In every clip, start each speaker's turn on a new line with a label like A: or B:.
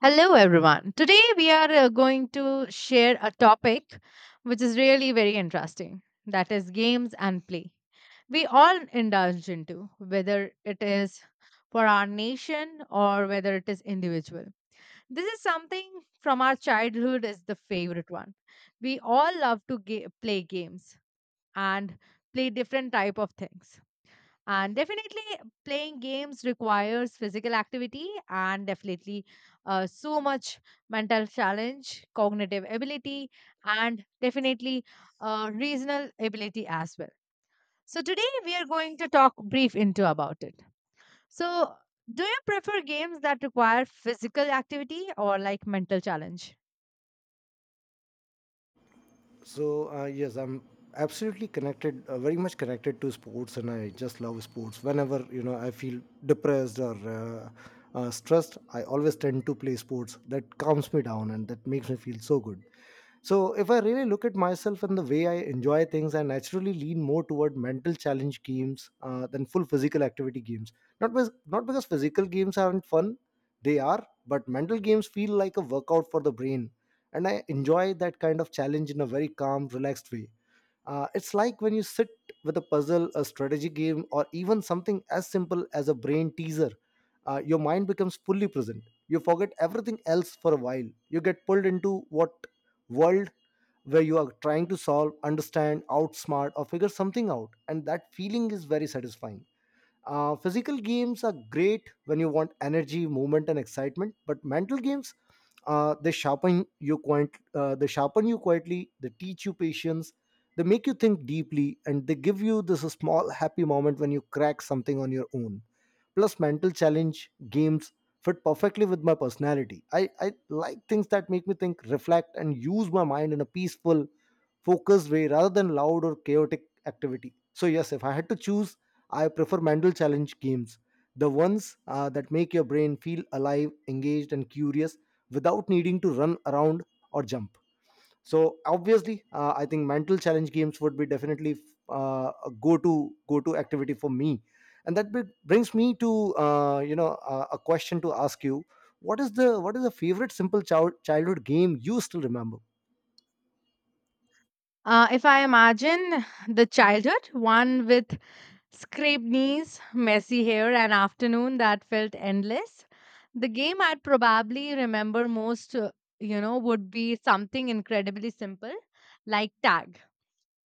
A: Hello, everyone. Today we are going to share a topic which is really very interesting, that is, games and play. We all indulge into, whether it is for our nation or whether it is individual. This is something from our childhood is the favorite one. We all love to play games and play different type of things. And definitely, playing games requires physical activity and definitely so much mental challenge, cognitive ability, and definitely reasonal ability as well. So, today we are going to talk brief into about it. So, do you prefer games that require physical activity or like mental challenge?
B: Yes, I'm absolutely connected, very much connected to sports, and I just love sports. Whenever I feel depressed or stressed, I always tend to play sports. That calms me down and that makes me feel so good. So, if I really look at myself and the way I enjoy things, I naturally lean more toward mental challenge games than full physical activity games. Not because physical games aren't fun, they are, but mental games feel like a workout for the brain. And I enjoy that kind of challenge in a very calm, relaxed way. It's like when you sit with a puzzle, a strategy game, or even something as simple as a brain teaser, your mind becomes fully present. You forget everything else for a while. You get pulled into what world where you are trying to solve, understand, outsmart, or figure something out. And that feeling is very satisfying. Physical games are great when you want energy, movement, and excitement, but mental games, they sharpen you quietly. They teach you patience. They make you think deeply, and they give you this small happy moment when you crack something on your own. Plus, mental challenge games fit perfectly with my personality. I like things that make me think, reflect, and use my mind in a peaceful focused way rather than loud or chaotic activity. So, yes, if I had to choose, I prefer mental challenge games. The ones that make your brain feel alive, engaged, and curious without needing to run around or jump. So, obviously, I think mental challenge games would be definitely a go-to activity for me. And that brings me to a question to ask you: What is the favorite simple childhood game you still remember?
A: If I imagine the childhood, one with scraped knees, messy hair, an afternoon that felt endless. The game I'd probably remember most, would be something incredibly simple like tag.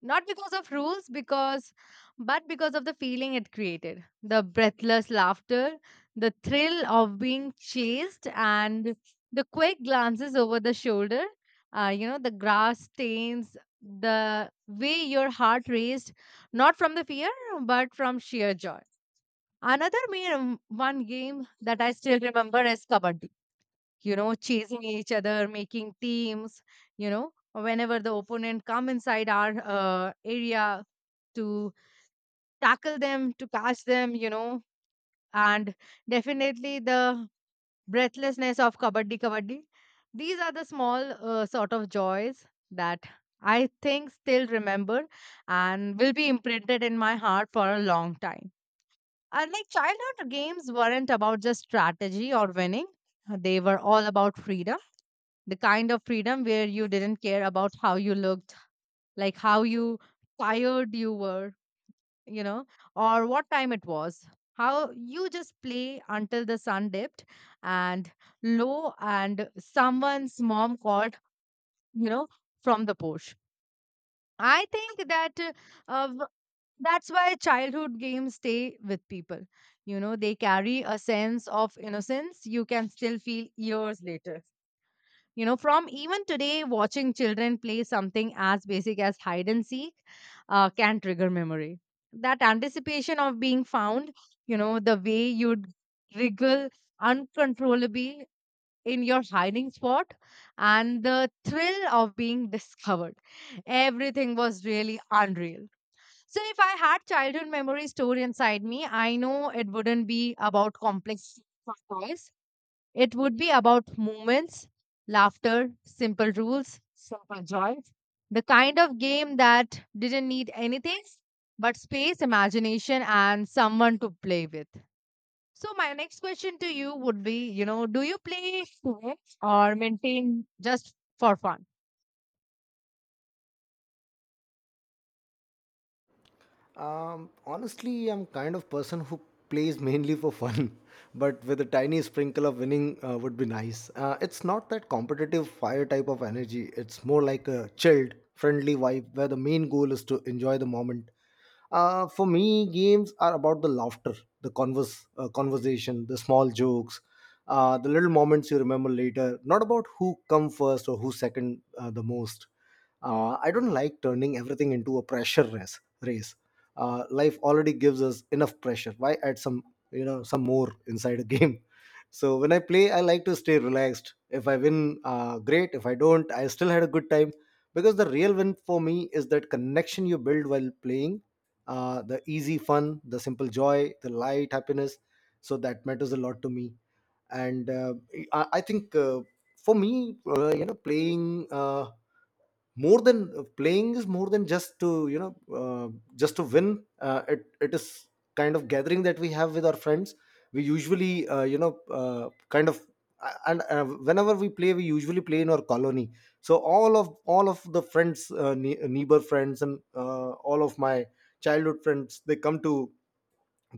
A: Not because of rules, because but because of the feeling it created. The breathless laughter, the thrill of being chased, and the quick glances over the shoulder. The grass stains, the way your heart raced, not from the fear, but from sheer joy. Another main one game that I still remember is kabaddi. You know, chasing each other, making teams, you know, whenever the opponent come inside our area to tackle them, to catch them, you know, and definitely the breathlessness of kabaddi. These are the small sort of joys that I think still remember and will be imprinted in my heart for a long time. And like, childhood games weren't about just strategy or winning. They were all about freedom, the kind of freedom where you didn't care about how you looked, like how you tired you were, you know, or what time it was. How you just play until the sun dipped and low, and someone's mom called, you know, from the porch. I think that uh, w- that's why childhood games stay with people. You know, they carry a sense of innocence you can still feel years later, you know, from even today, watching children play something as basic as hide and seek can trigger memory, that anticipation of being found, you know, the way you'd wriggle uncontrollably in your hiding spot and the thrill of being discovered. Everything was really unreal. So if I had childhood memory stored inside me, I know it wouldn't be about complex toys. It would be about moments, laughter, simple rules, simple joys. The kind of game that didn't need anything but space, imagination, and someone to play with. So, my next question to you would be, you know, do you play to win or maintain just for fun?
B: Honestly, I'm kind of person who plays mainly for fun, but with a tiny sprinkle of winning would be nice. It's not that competitive fire type of energy. It's more like a chilled, friendly vibe where the main goal is to enjoy the moment. For me, games are about the laughter, conversation, the small jokes, the little moments you remember later. Not about who come first or who second the most. I don't like turning everything into a pressure race. Race. Life already gives us enough pressure. Why add some, you know, some more inside a game? So when I play, I like to stay relaxed. If I win, great. If I don't, I still had a good time. Because the real win for me is that connection you build while playing, the easy fun, the simple joy, the light happiness. So that matters a lot to me. And I think For me, playing is more than just to just to win. It is kind of gathering that we have with our friends. We usually you know kind of and Whenever we play, we usually play in our colony, so all of the friends, neighbor friends, and all of my childhood friends, they come to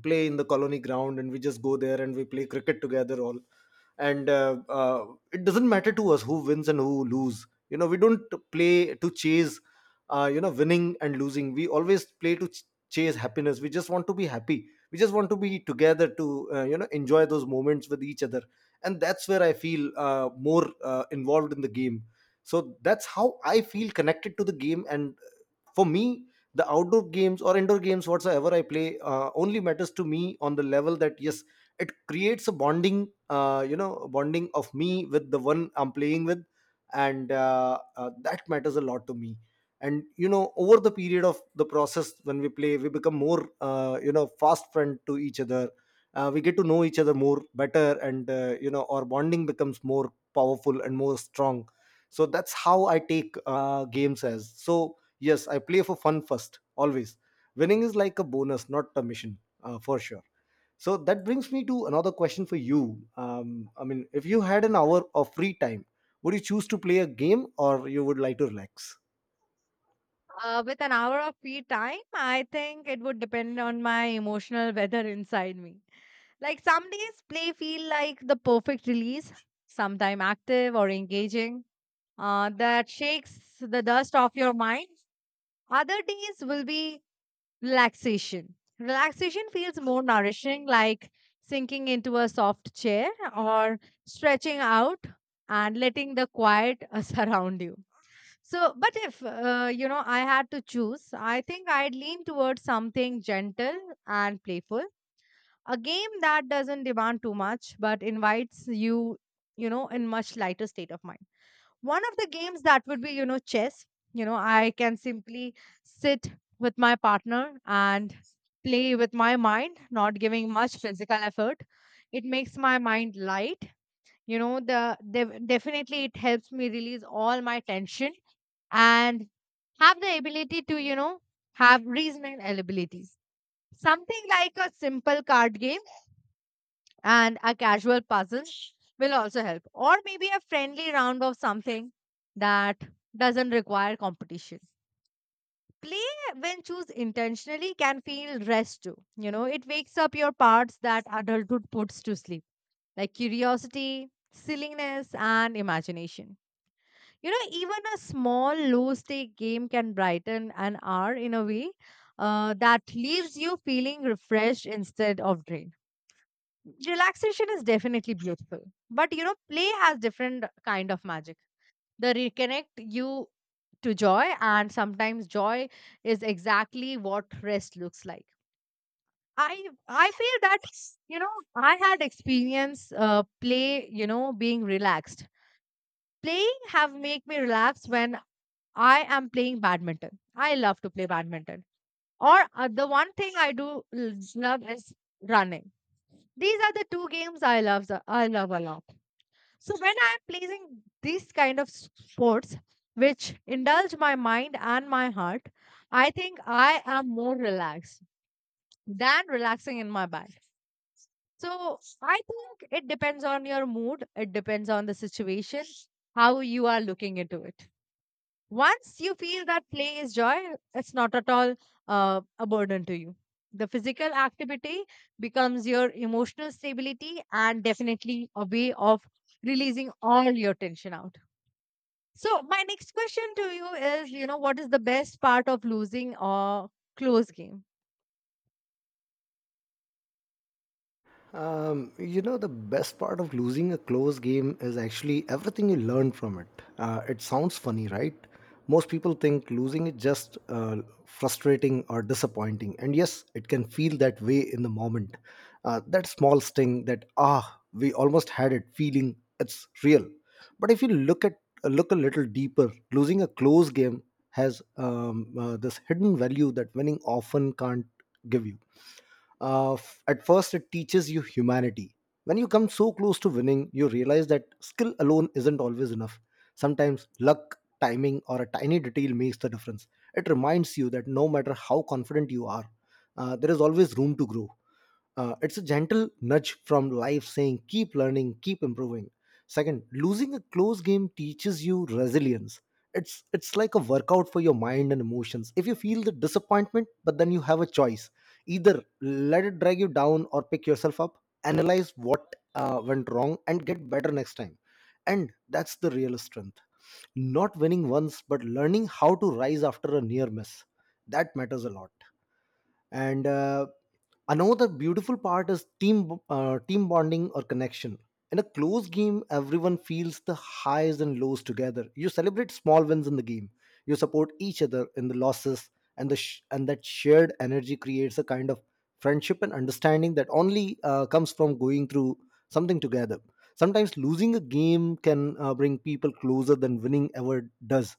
B: play in the colony ground, and we just go there and we play cricket together all and it doesn't matter to us who wins and who lose. You know, we don't play to chase winning and losing. We always play to chase happiness. We just want to be happy. We just want to be together to enjoy those moments with each other, and that's where I feel more involved in the game. So that's how I feel connected to the game. And for me, the outdoor games or indoor games, whatsoever I play, only matters to me on the level that yes, it creates a bonding, bonding of me with the one I'm playing with, and that matters a lot to me. And you know, over the period of the process, when we play, we become more, fast friend to each other. We get to know each other more better, and our bonding becomes more powerful and more strong. So that's how I take games as. So yes, I play for fun first, always. Winning is like a bonus, not a mission, for sure. So that brings me to another question for you. I mean, if you had an hour of free time, would you choose to play a game or you would like to relax?
A: With an hour of free time, I think it would depend on my emotional weather inside me. Like some days, play feel like the perfect release, sometime active or engaging, that shakes the dust off your mind. Other days will be Relaxation feels more nourishing, like sinking into a soft chair or stretching out and letting the quiet surround you. So, but if you know, I had to choose, I think I'd lean towards something gentle and playful. A game that doesn't demand too much, but invites you, you know, in much lighter state of mind. One of the games that would be, you know, chess. You know, I can simply sit with my partner and play with my mind, not giving much physical effort. It makes my mind light. You know, definitely it helps me release all my tension and have the ability to, you know, have reasoning abilities. Something like a simple card game and a casual puzzle will also help, or maybe a friendly round of something that doesn't require competition. Play, when choose intentionally, can feel rest too. You know, it wakes up your parts that adulthood puts to sleep, like curiosity, silliness, and imagination. You know, even a small, low stake game can brighten an hour in a way that leaves you feeling refreshed instead of drained. Relaxation is definitely beautiful, but you know, play has different kind of magic. They reconnect you to joy, and sometimes joy is exactly what rest looks like. I i feel that, you know, I had experience play, you know, being relaxed. Playing have make me relax when I am playing badminton. I love to play badminton. Or the one thing I do l- love is running. These are the two games I love I love a lot. So when I'm playing these kind of sports, which indulge my mind and my heart, I think I am more relaxed than relaxing in my bed. So I think it depends on your mood. It depends on the situation, how you are looking into it. Once you feel that play is joy, it's not at all a burden to you. The physical activity becomes your emotional stability and definitely a way of releasing all your tension out. So my next question to you is, you know, what is the best part of losing a close game?
B: You know, the best part of losing a close game is actually everything you learn from it. It sounds funny, right? Most people think losing is just frustrating or disappointing. And yes, it can feel that way in the moment. That small sting, that, ah, we almost had it feeling, it's real. But if you look at, look a little deeper, losing a close game has this hidden value that winning often can't give you. At first, it teaches you humanity. When you come so close to winning, you realize that skill alone isn't always enough. Sometimes luck, timing, or a tiny detail makes the difference. It reminds you that no matter how confident you are, there is always room to grow. It's a gentle nudge from life saying, keep learning, keep improving. Second, losing a close game teaches you resilience. It's like a workout for your mind and emotions. If you feel the disappointment, but then you have a choice. Either let it drag you down or pick yourself up, analyze what went wrong, and get better next time. And that's the real strength. Not winning once, but learning how to rise after a near miss. That matters a lot. And Another beautiful part is team bonding or connection. In a close game, everyone feels the highs and lows together. You celebrate small wins in the game, you support each other in the losses, and that shared energy creates a kind of friendship and understanding that only comes from going through something together. Sometimes losing a game can bring people closer than winning ever does.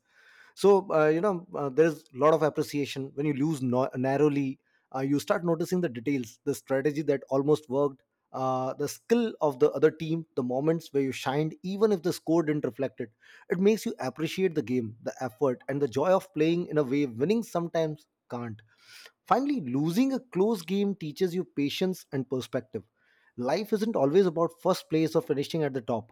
B: So there is a lot of appreciation when you lose narrowly. You start noticing the details, the strategy that almost worked, the skill of the other team, the moments where you shined even if the score didn't reflect it. It makes you appreciate the game, the effort, and the joy of playing in a way winning sometimes can't. Finally, losing a close game teaches you patience and perspective. Life isn't always about first place or finishing at the top.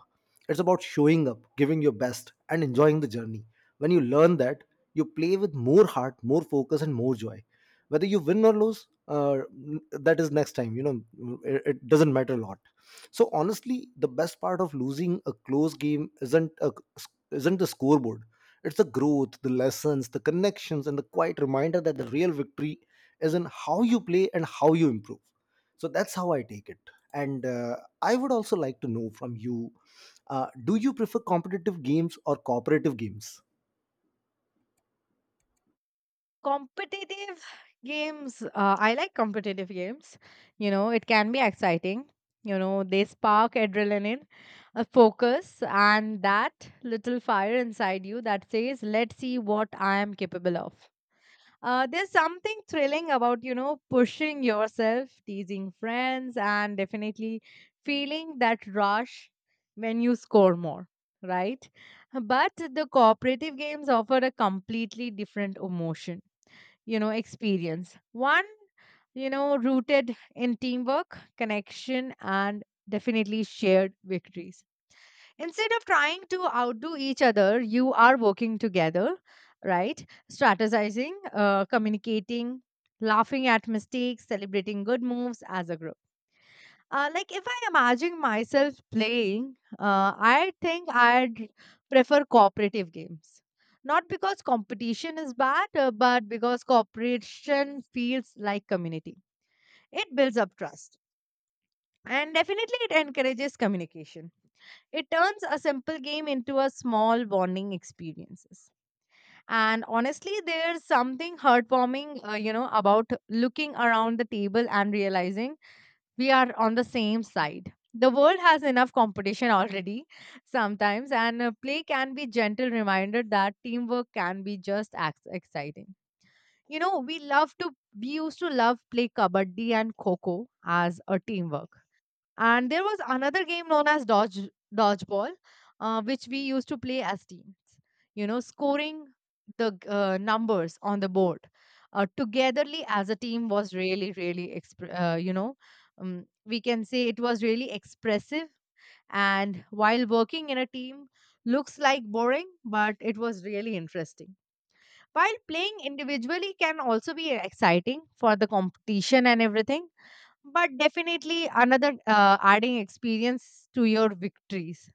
B: It's about showing up, giving your best, and enjoying the journey. When you learn that, you play with more heart, more focus, and more joy. Whether you win or lose, that is next time. You know, it doesn't matter a lot. So honestly, the best part of losing a close game isn't the scoreboard. It's the growth, the lessons, the connections, and the quiet reminder that the real victory is in how you play and how you improve. So that's how I take it. And I would also like to know from you, do you prefer competitive games or cooperative games?
A: Competitive games, I like competitive games. You know, it can be exciting. You know, they spark adrenaline, a focus, and that little fire inside you that says, let's see what I am capable of. There's something thrilling about, you know, pushing yourself, teasing friends, and definitely feeling that rush when you score more, right? But the cooperative games offer a completely different emotion, you know, experience. One, you know, rooted in teamwork, connection, and definitely shared victories. Instead of trying to outdo each other, you are working together, right? Strategizing, communicating, laughing at mistakes, celebrating good moves as a group. Like, if I imagine myself playing, I think I'd prefer cooperative games. Not because competition is bad, but because cooperation feels like community. It builds up trust, and definitely, it encourages communication. It turns a simple game into a small bonding experiences. And honestly, there's something heartwarming, you know, about looking around the table and realizing we are on the same side. The world has enough competition already sometimes, and play can be gentle reminder that teamwork can be just as exciting. You know, we love to, we used to love play kabaddi and kho as a teamwork, and there was another game known as dodgeball, which we used to play as teams. You know, scoring numbers on the board togetherly as a team was really, really, we can say it was really expressive. And while working in a team looks like boring, but it was really interesting. While playing individually can also be exciting for the competition and everything, but definitely another adding experience to your victories.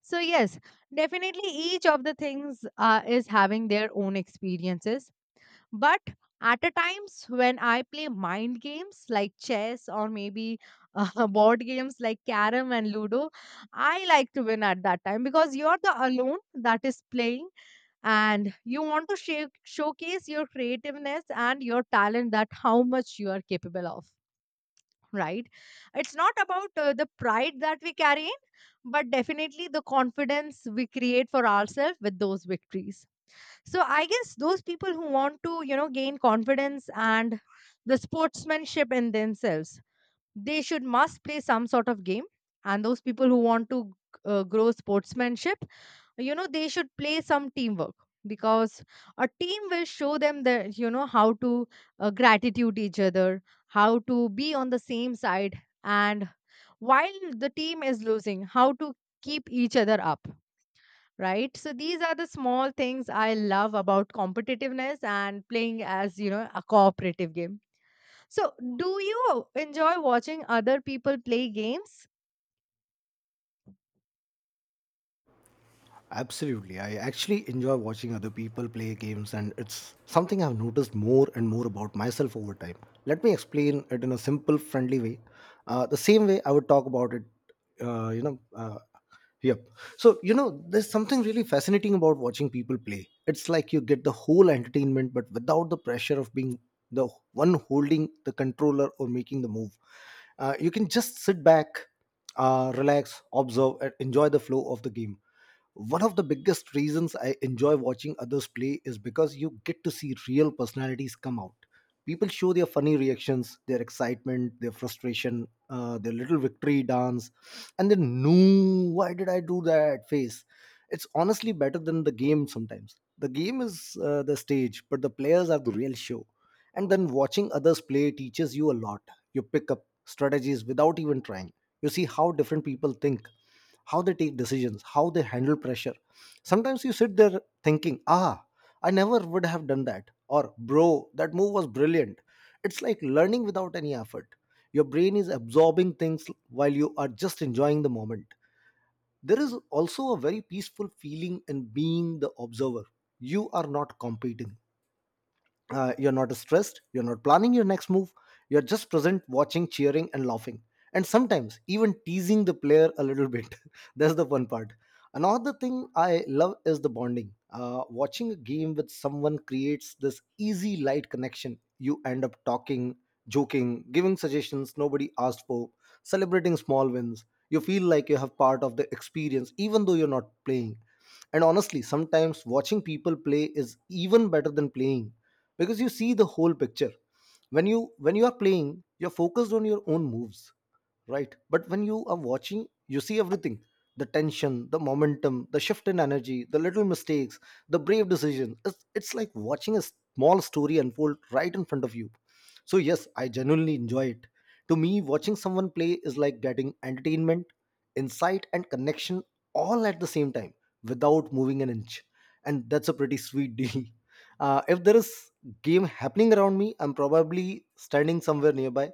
A: So yes, definitely each of the things is having their own experiences. But at a times when I play mind games like chess, or maybe board games like carom and ludo, I like to win at that time, because you're the alone that is playing, and you want to shake showcase your creativeness and your talent, that how much you are capable of, right? It's not about the pride that we carry in, but definitely the confidence we create for ourselves with those victories. So I guess those people who want to, you know, gain confidence and the sportsmanship in themselves, they should must play some sort of game. And those people who want to grow sportsmanship, you know, they should play some teamwork. Because a team will show them that, you know, how to gratitude each other, how to be on the same side, and while the team is losing, how to keep each other up, right? So these are the small things I love about competitiveness and playing as, you know, a cooperative game. So, do you enjoy watching other people play games?
B: Absolutely. I actually enjoy watching other people play games, and it's something I've noticed more and more about myself over time. Let me explain it in a simple, friendly way. The same way I would talk about it, you know. Yep. So, you know, there's something really fascinating about watching people play. It's like you get the whole entertainment, but without the pressure of being the one holding the controller or making the move. You can just sit back, relax, observe, and enjoy the flow of the game. One of the biggest reasons I enjoy watching others play is because you get to see real personalities come out. People show their funny reactions, their excitement, their frustration, their little victory dance, and then no, why did I do that face? It's honestly better than the game sometimes. The game is the stage, but the players are the real show. And then watching others play teaches you a lot. You pick up strategies without even trying. You see how different people think, how they take decisions, how they handle pressure. Sometimes you sit there thinking, ah, I never would have done that, or bro, that move was brilliant. It's like learning without any effort. Your brain is absorbing things while you are just enjoying the moment. There is also a very peaceful feeling in being the observer. You are not competing. You're not stressed, you're not planning your next move. You're just present, watching, cheering, and laughing, and sometimes even teasing the player a little bit. That's the fun part. Another thing I love is the bonding. Watching a game with someone creates this easy, light connection. You end up talking, joking, giving suggestions nobody asked for, celebrating small wins. You feel like you have part of the experience even though you're not playing. And honestly, sometimes watching people play is even better than playing, because you see the whole picture. When you are playing, you're focused on your own moves, right? But when you are watching, you see everything: the tension, the momentum, the shift in energy, the little mistakes, the brave decision. It's like watching a small story unfold right in front of you. So yes, I genuinely enjoy it. To me, watching someone play is like getting entertainment, insight, and connection all at the same time, without moving an inch. And that's a pretty sweet deal. If there is game happening around me, I'm probably standing somewhere nearby,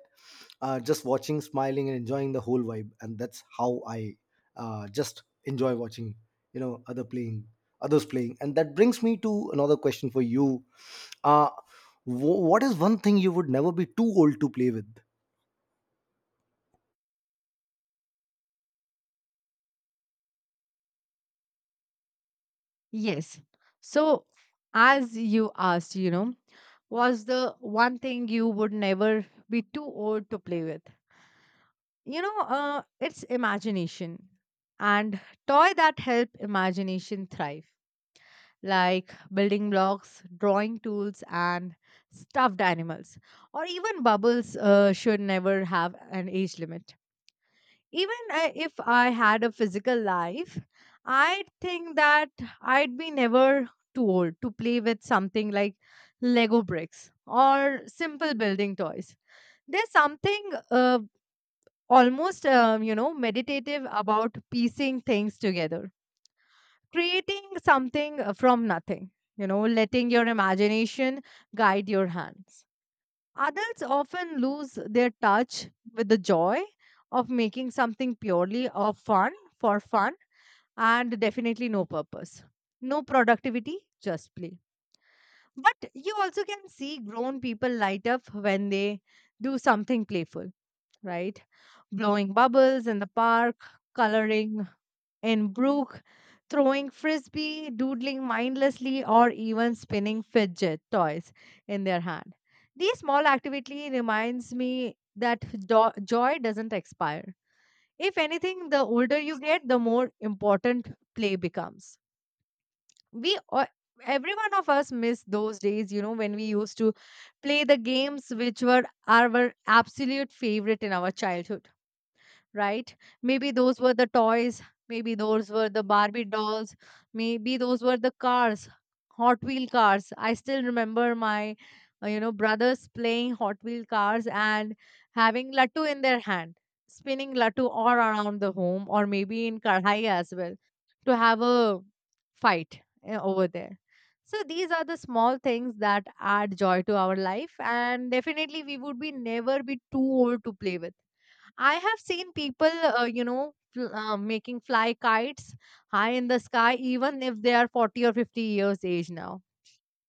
B: just watching, smiling, and enjoying the whole vibe. And that's how I just enjoy watching, other playing, others playing. And that brings me to another question for you. Uh, what is one thing you would never be too old to play with?
A: Yes. So, as you asked, you know, was the one thing you would never be too old to play with? You know, it's imagination and toy that help imagination thrive, like building blocks, drawing tools, and stuffed animals, or even bubbles should never have an age limit. Even I, if I had a physical life, I think that I'd be never too old to play with something like Lego bricks or simple building toys. There's something almost, you know, meditative about piecing things together, creating something from nothing, you know, letting your imagination guide your hands. Adults often lose their touch with the joy of making something purely of fun for fun and definitely no purpose. No productivity, just play. But you also can see grown people light up when they do something playful, right? Blowing bubbles in the park, coloring and brook, throwing frisbee, doodling mindlessly, or even spinning fidget toys in their hand. These small activity reminds me that joy doesn't expire. If anything, the older you get, the more important play becomes. We all- every one of us miss those days when we used to play the games which were our absolute favorite in our childhood, right? Maybe those were the toys, maybe those were the Barbie dolls, maybe those were the cars, Hot Wheel cars. I still remember my brothers playing Hot Wheel cars and having lattu in their hand, spinning lattu all around the home or maybe in kadhai as well to have a fight over there. So these are the small things that add joy to our life, and definitely we would be never be too old to play with. I have seen people making fly kites high in the sky, even if they are 40 or 50 years age now.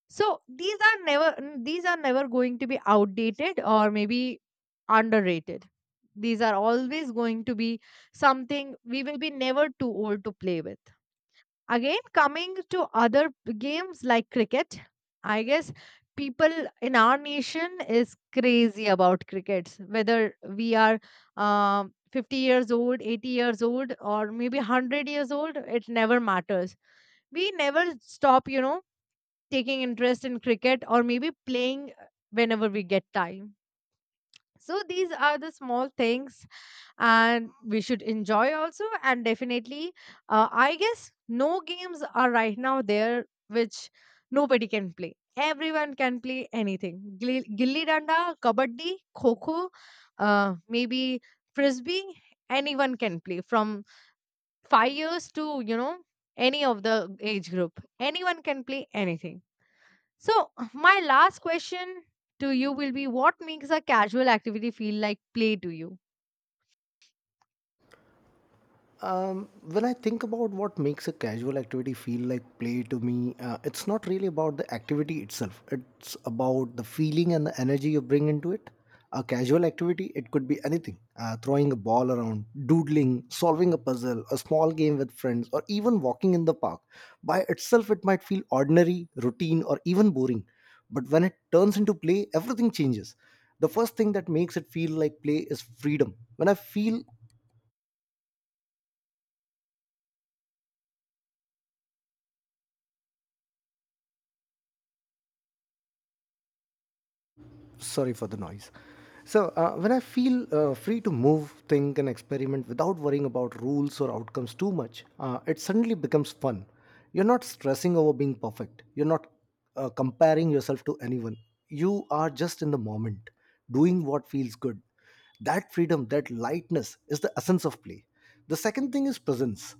A: So these are never, n- these are never going to be outdated or maybe underrated. These are always going to be something we will be never too old to play with. Again, coming to other games like cricket, I guess people in our nation is crazy about crickets. Whether we are 50 years old, 80 years old, or maybe 100 years old, it never matters. We never stop taking interest in cricket or maybe playing whenever we get time. So these are the small things and we should enjoy also, and definitely, I guess no games are right now there which nobody can play. Everyone can play anything. Gilli gilli danda, kabaddi, kho kho, maybe frisbee, anyone can play from 5 years to any of the age group. Anyone can play anything. So, my last question to you will be, what makes a casual activity feel like play to you?
B: When I think about what makes a casual activity feel like play to me, it's not really about the activity itself. It's about the feeling and the energy you bring into it. A casual activity, it could be anything, throwing a ball around, doodling, solving a puzzle, a small game with friends, or even walking in the park. By itself, it might feel ordinary, routine, or even boring. But when it turns into play, everything changes. The first thing that makes it feel like play is freedom. When I feel, sorry for the noise, so when I feel free to move, think, and experiment without worrying about rules or outcomes too much, it suddenly becomes fun. You're not stressing over being perfect, you're not, comparing yourself to anyone. You are just in the moment, doing what feels good. That freedom, that lightness, is the essence of play. The second thing is presence.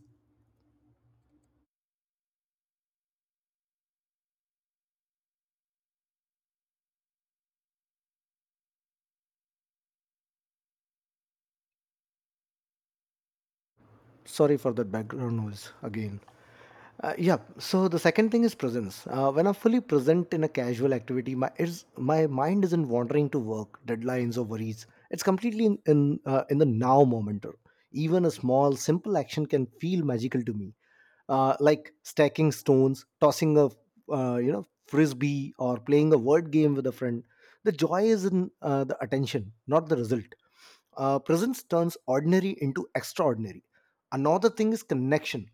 B: Sorry for that background noise again. Yeah. So the second thing is presence. When I'm fully present in a casual activity, my mind isn't wandering to work, deadlines, or worries. It's completely in the now moment. Even a small, simple action can feel magical to me, like stacking stones, tossing a frisbee, or playing a word game with a friend. The joy is in the attention, not the result. Presence turns ordinary into extraordinary. Another thing is connection.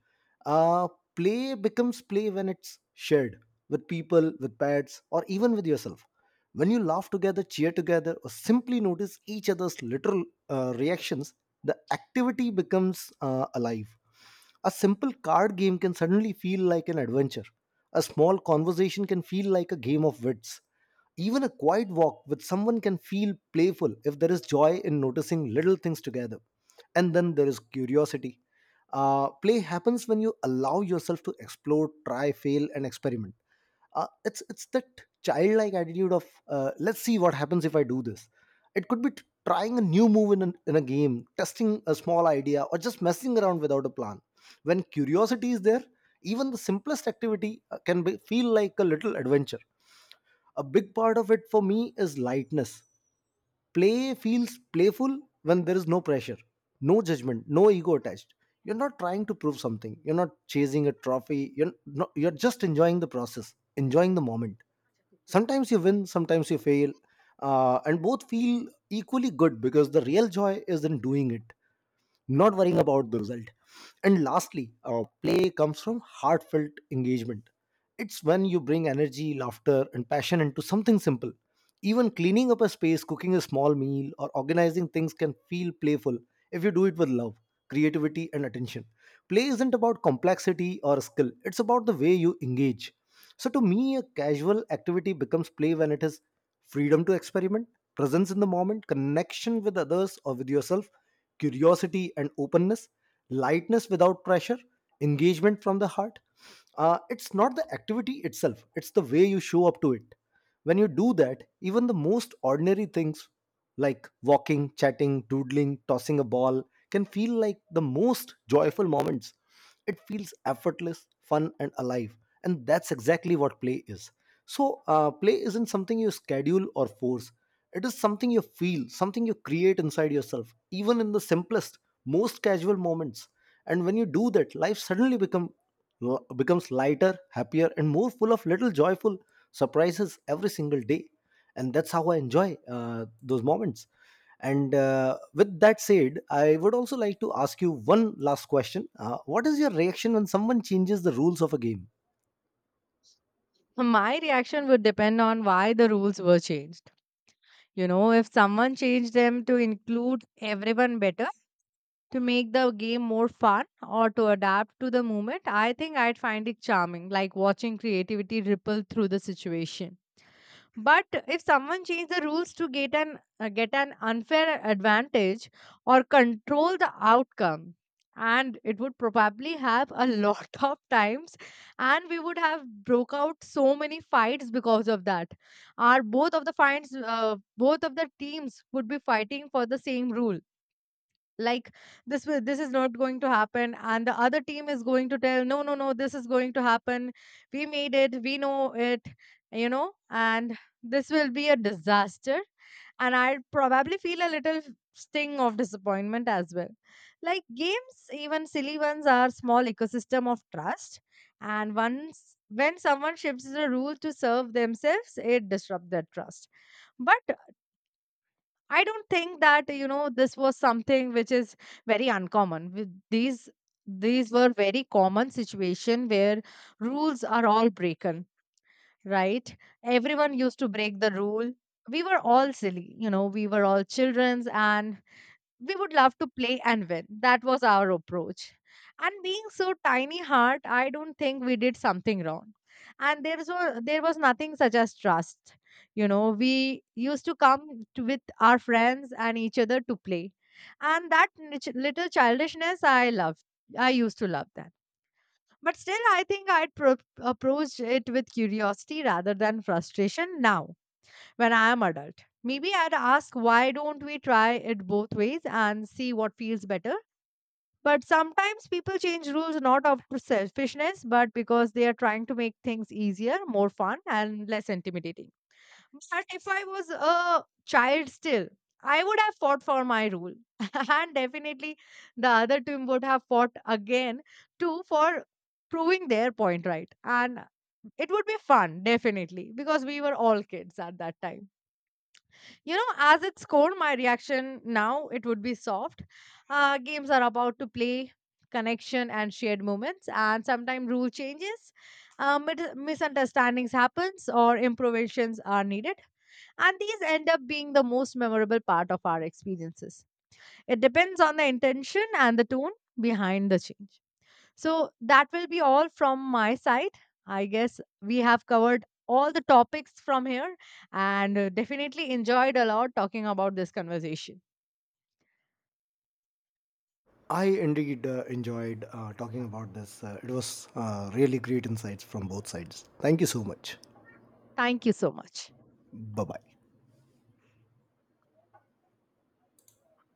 B: Uh, Play becomes play when it's shared, with people, with pets, or even with yourself. When you laugh together, cheer together, or simply notice each other's literal reactions, the activity becomes alive. A simple card game can suddenly feel like an adventure. A small conversation can feel like a game of wits. Even a quiet walk with someone can feel playful if there is joy in noticing little things together. And then there is curiosity. Play happens when you allow yourself to explore, try, fail, and experiment. It's that childlike attitude of, let's see what happens if I do this. It could be trying a new move in a game, testing a small idea, or just messing around without a plan. When curiosity is there, even the simplest activity can feel like a little adventure. A big part of it for me is lightness. Play feels playful when there is no pressure, no judgment, no ego attached. You're not trying to prove something. You're not chasing a trophy. You're not, you're just enjoying the process, enjoying the moment. Sometimes you win, sometimes you fail, and both feel equally good because the real joy is in doing it, not worrying about the result. And lastly, play comes from heartfelt engagement. It's when you bring energy, laughter, and passion into something simple. Even cleaning up a space, cooking a small meal, or organizing things can feel playful if you do it with love, creativity, and attention. Play isn't about complexity or skill, it's about the way you engage. So to me, a casual activity becomes play when it is freedom to experiment, presence in the moment, connection with others or with yourself, curiosity and openness, lightness without pressure, engagement from the heart. It's not the activity itself, it's the way you show up to it. When you do that, even the most ordinary things, like walking, chatting, doodling, tossing a ball, can feel like the most joyful moments. It feels effortless, fun, and alive. And that's exactly what play is. So play isn't something you schedule or force. It is something you feel, something you create inside yourself, even in the simplest, most casual moments. And when you do that, life suddenly becomes lighter, happier, and more full of little joyful surprises every single day. And that's how I enjoy those moments. And with that said, I would also like to ask you one last question. What is your reaction when someone changes the rules of a game?
A: My reaction would depend on why the rules were changed. You know, if someone changed them to include everyone better, to make the game more fun, or to adapt to the moment, I think I'd find it charming, like watching creativity ripple through the situation. But if someone change the rules to get an unfair advantage or control the outcome, and it would probably have a lot of times, and we would have broke out so many fights because of that. Our both of the fights, both of the teams would be fighting for the same rule, like this is not going to happen, and the other team is going to tell, no, no, no, this is going to happen, we made it, we know it, you know. And this will be a disaster, and I probably feel a little sting of disappointment as well. Like games, even silly ones, are small ecosystem of trust. And once when someone shifts the rule to serve themselves, it disrupts that trust. But I don't think that, you know, this was something which is very uncommon. With these were very common situation where rules are all broken, right? Everyone used to break the rule. We were all silly, you know, we were all childrens and we would love to play and win. That was our approach. And being so tiny heart, I don't think we did something wrong. And there was nothing such as trust. You know, we used to come to, with our friends and each other to play, and that little childishness I loved. I used to love that. But still, I think I'd approached it with curiosity rather than frustration now when I am adult. Maybe I'd ask, why don't we try it both ways and see what feels better. But sometimes people change rules not out of selfishness, but because they are trying to make things easier, more fun, and less intimidating. But if I was a child still, I would have fought for my rule. And definitely the other team would have fought again too for proving their point right. And it would be fun, definitely, because we were all kids at that time. You know, as its core, my reaction now it would be soft. Games are about to play, connection and shared moments, and sometimes rule changes, misunderstandings happens, or improvisations are needed, and these end up being the most memorable part of our experiences. It depends on the intention and the tone behind the change. So that will be all from my side. I guess we have covered all the topics from here, and definitely enjoyed a lot talking about this conversation.
B: I indeed enjoyed talking about this. It was really great insights from both sides. Thank you so much.
A: Thank you so much.
B: Bye bye.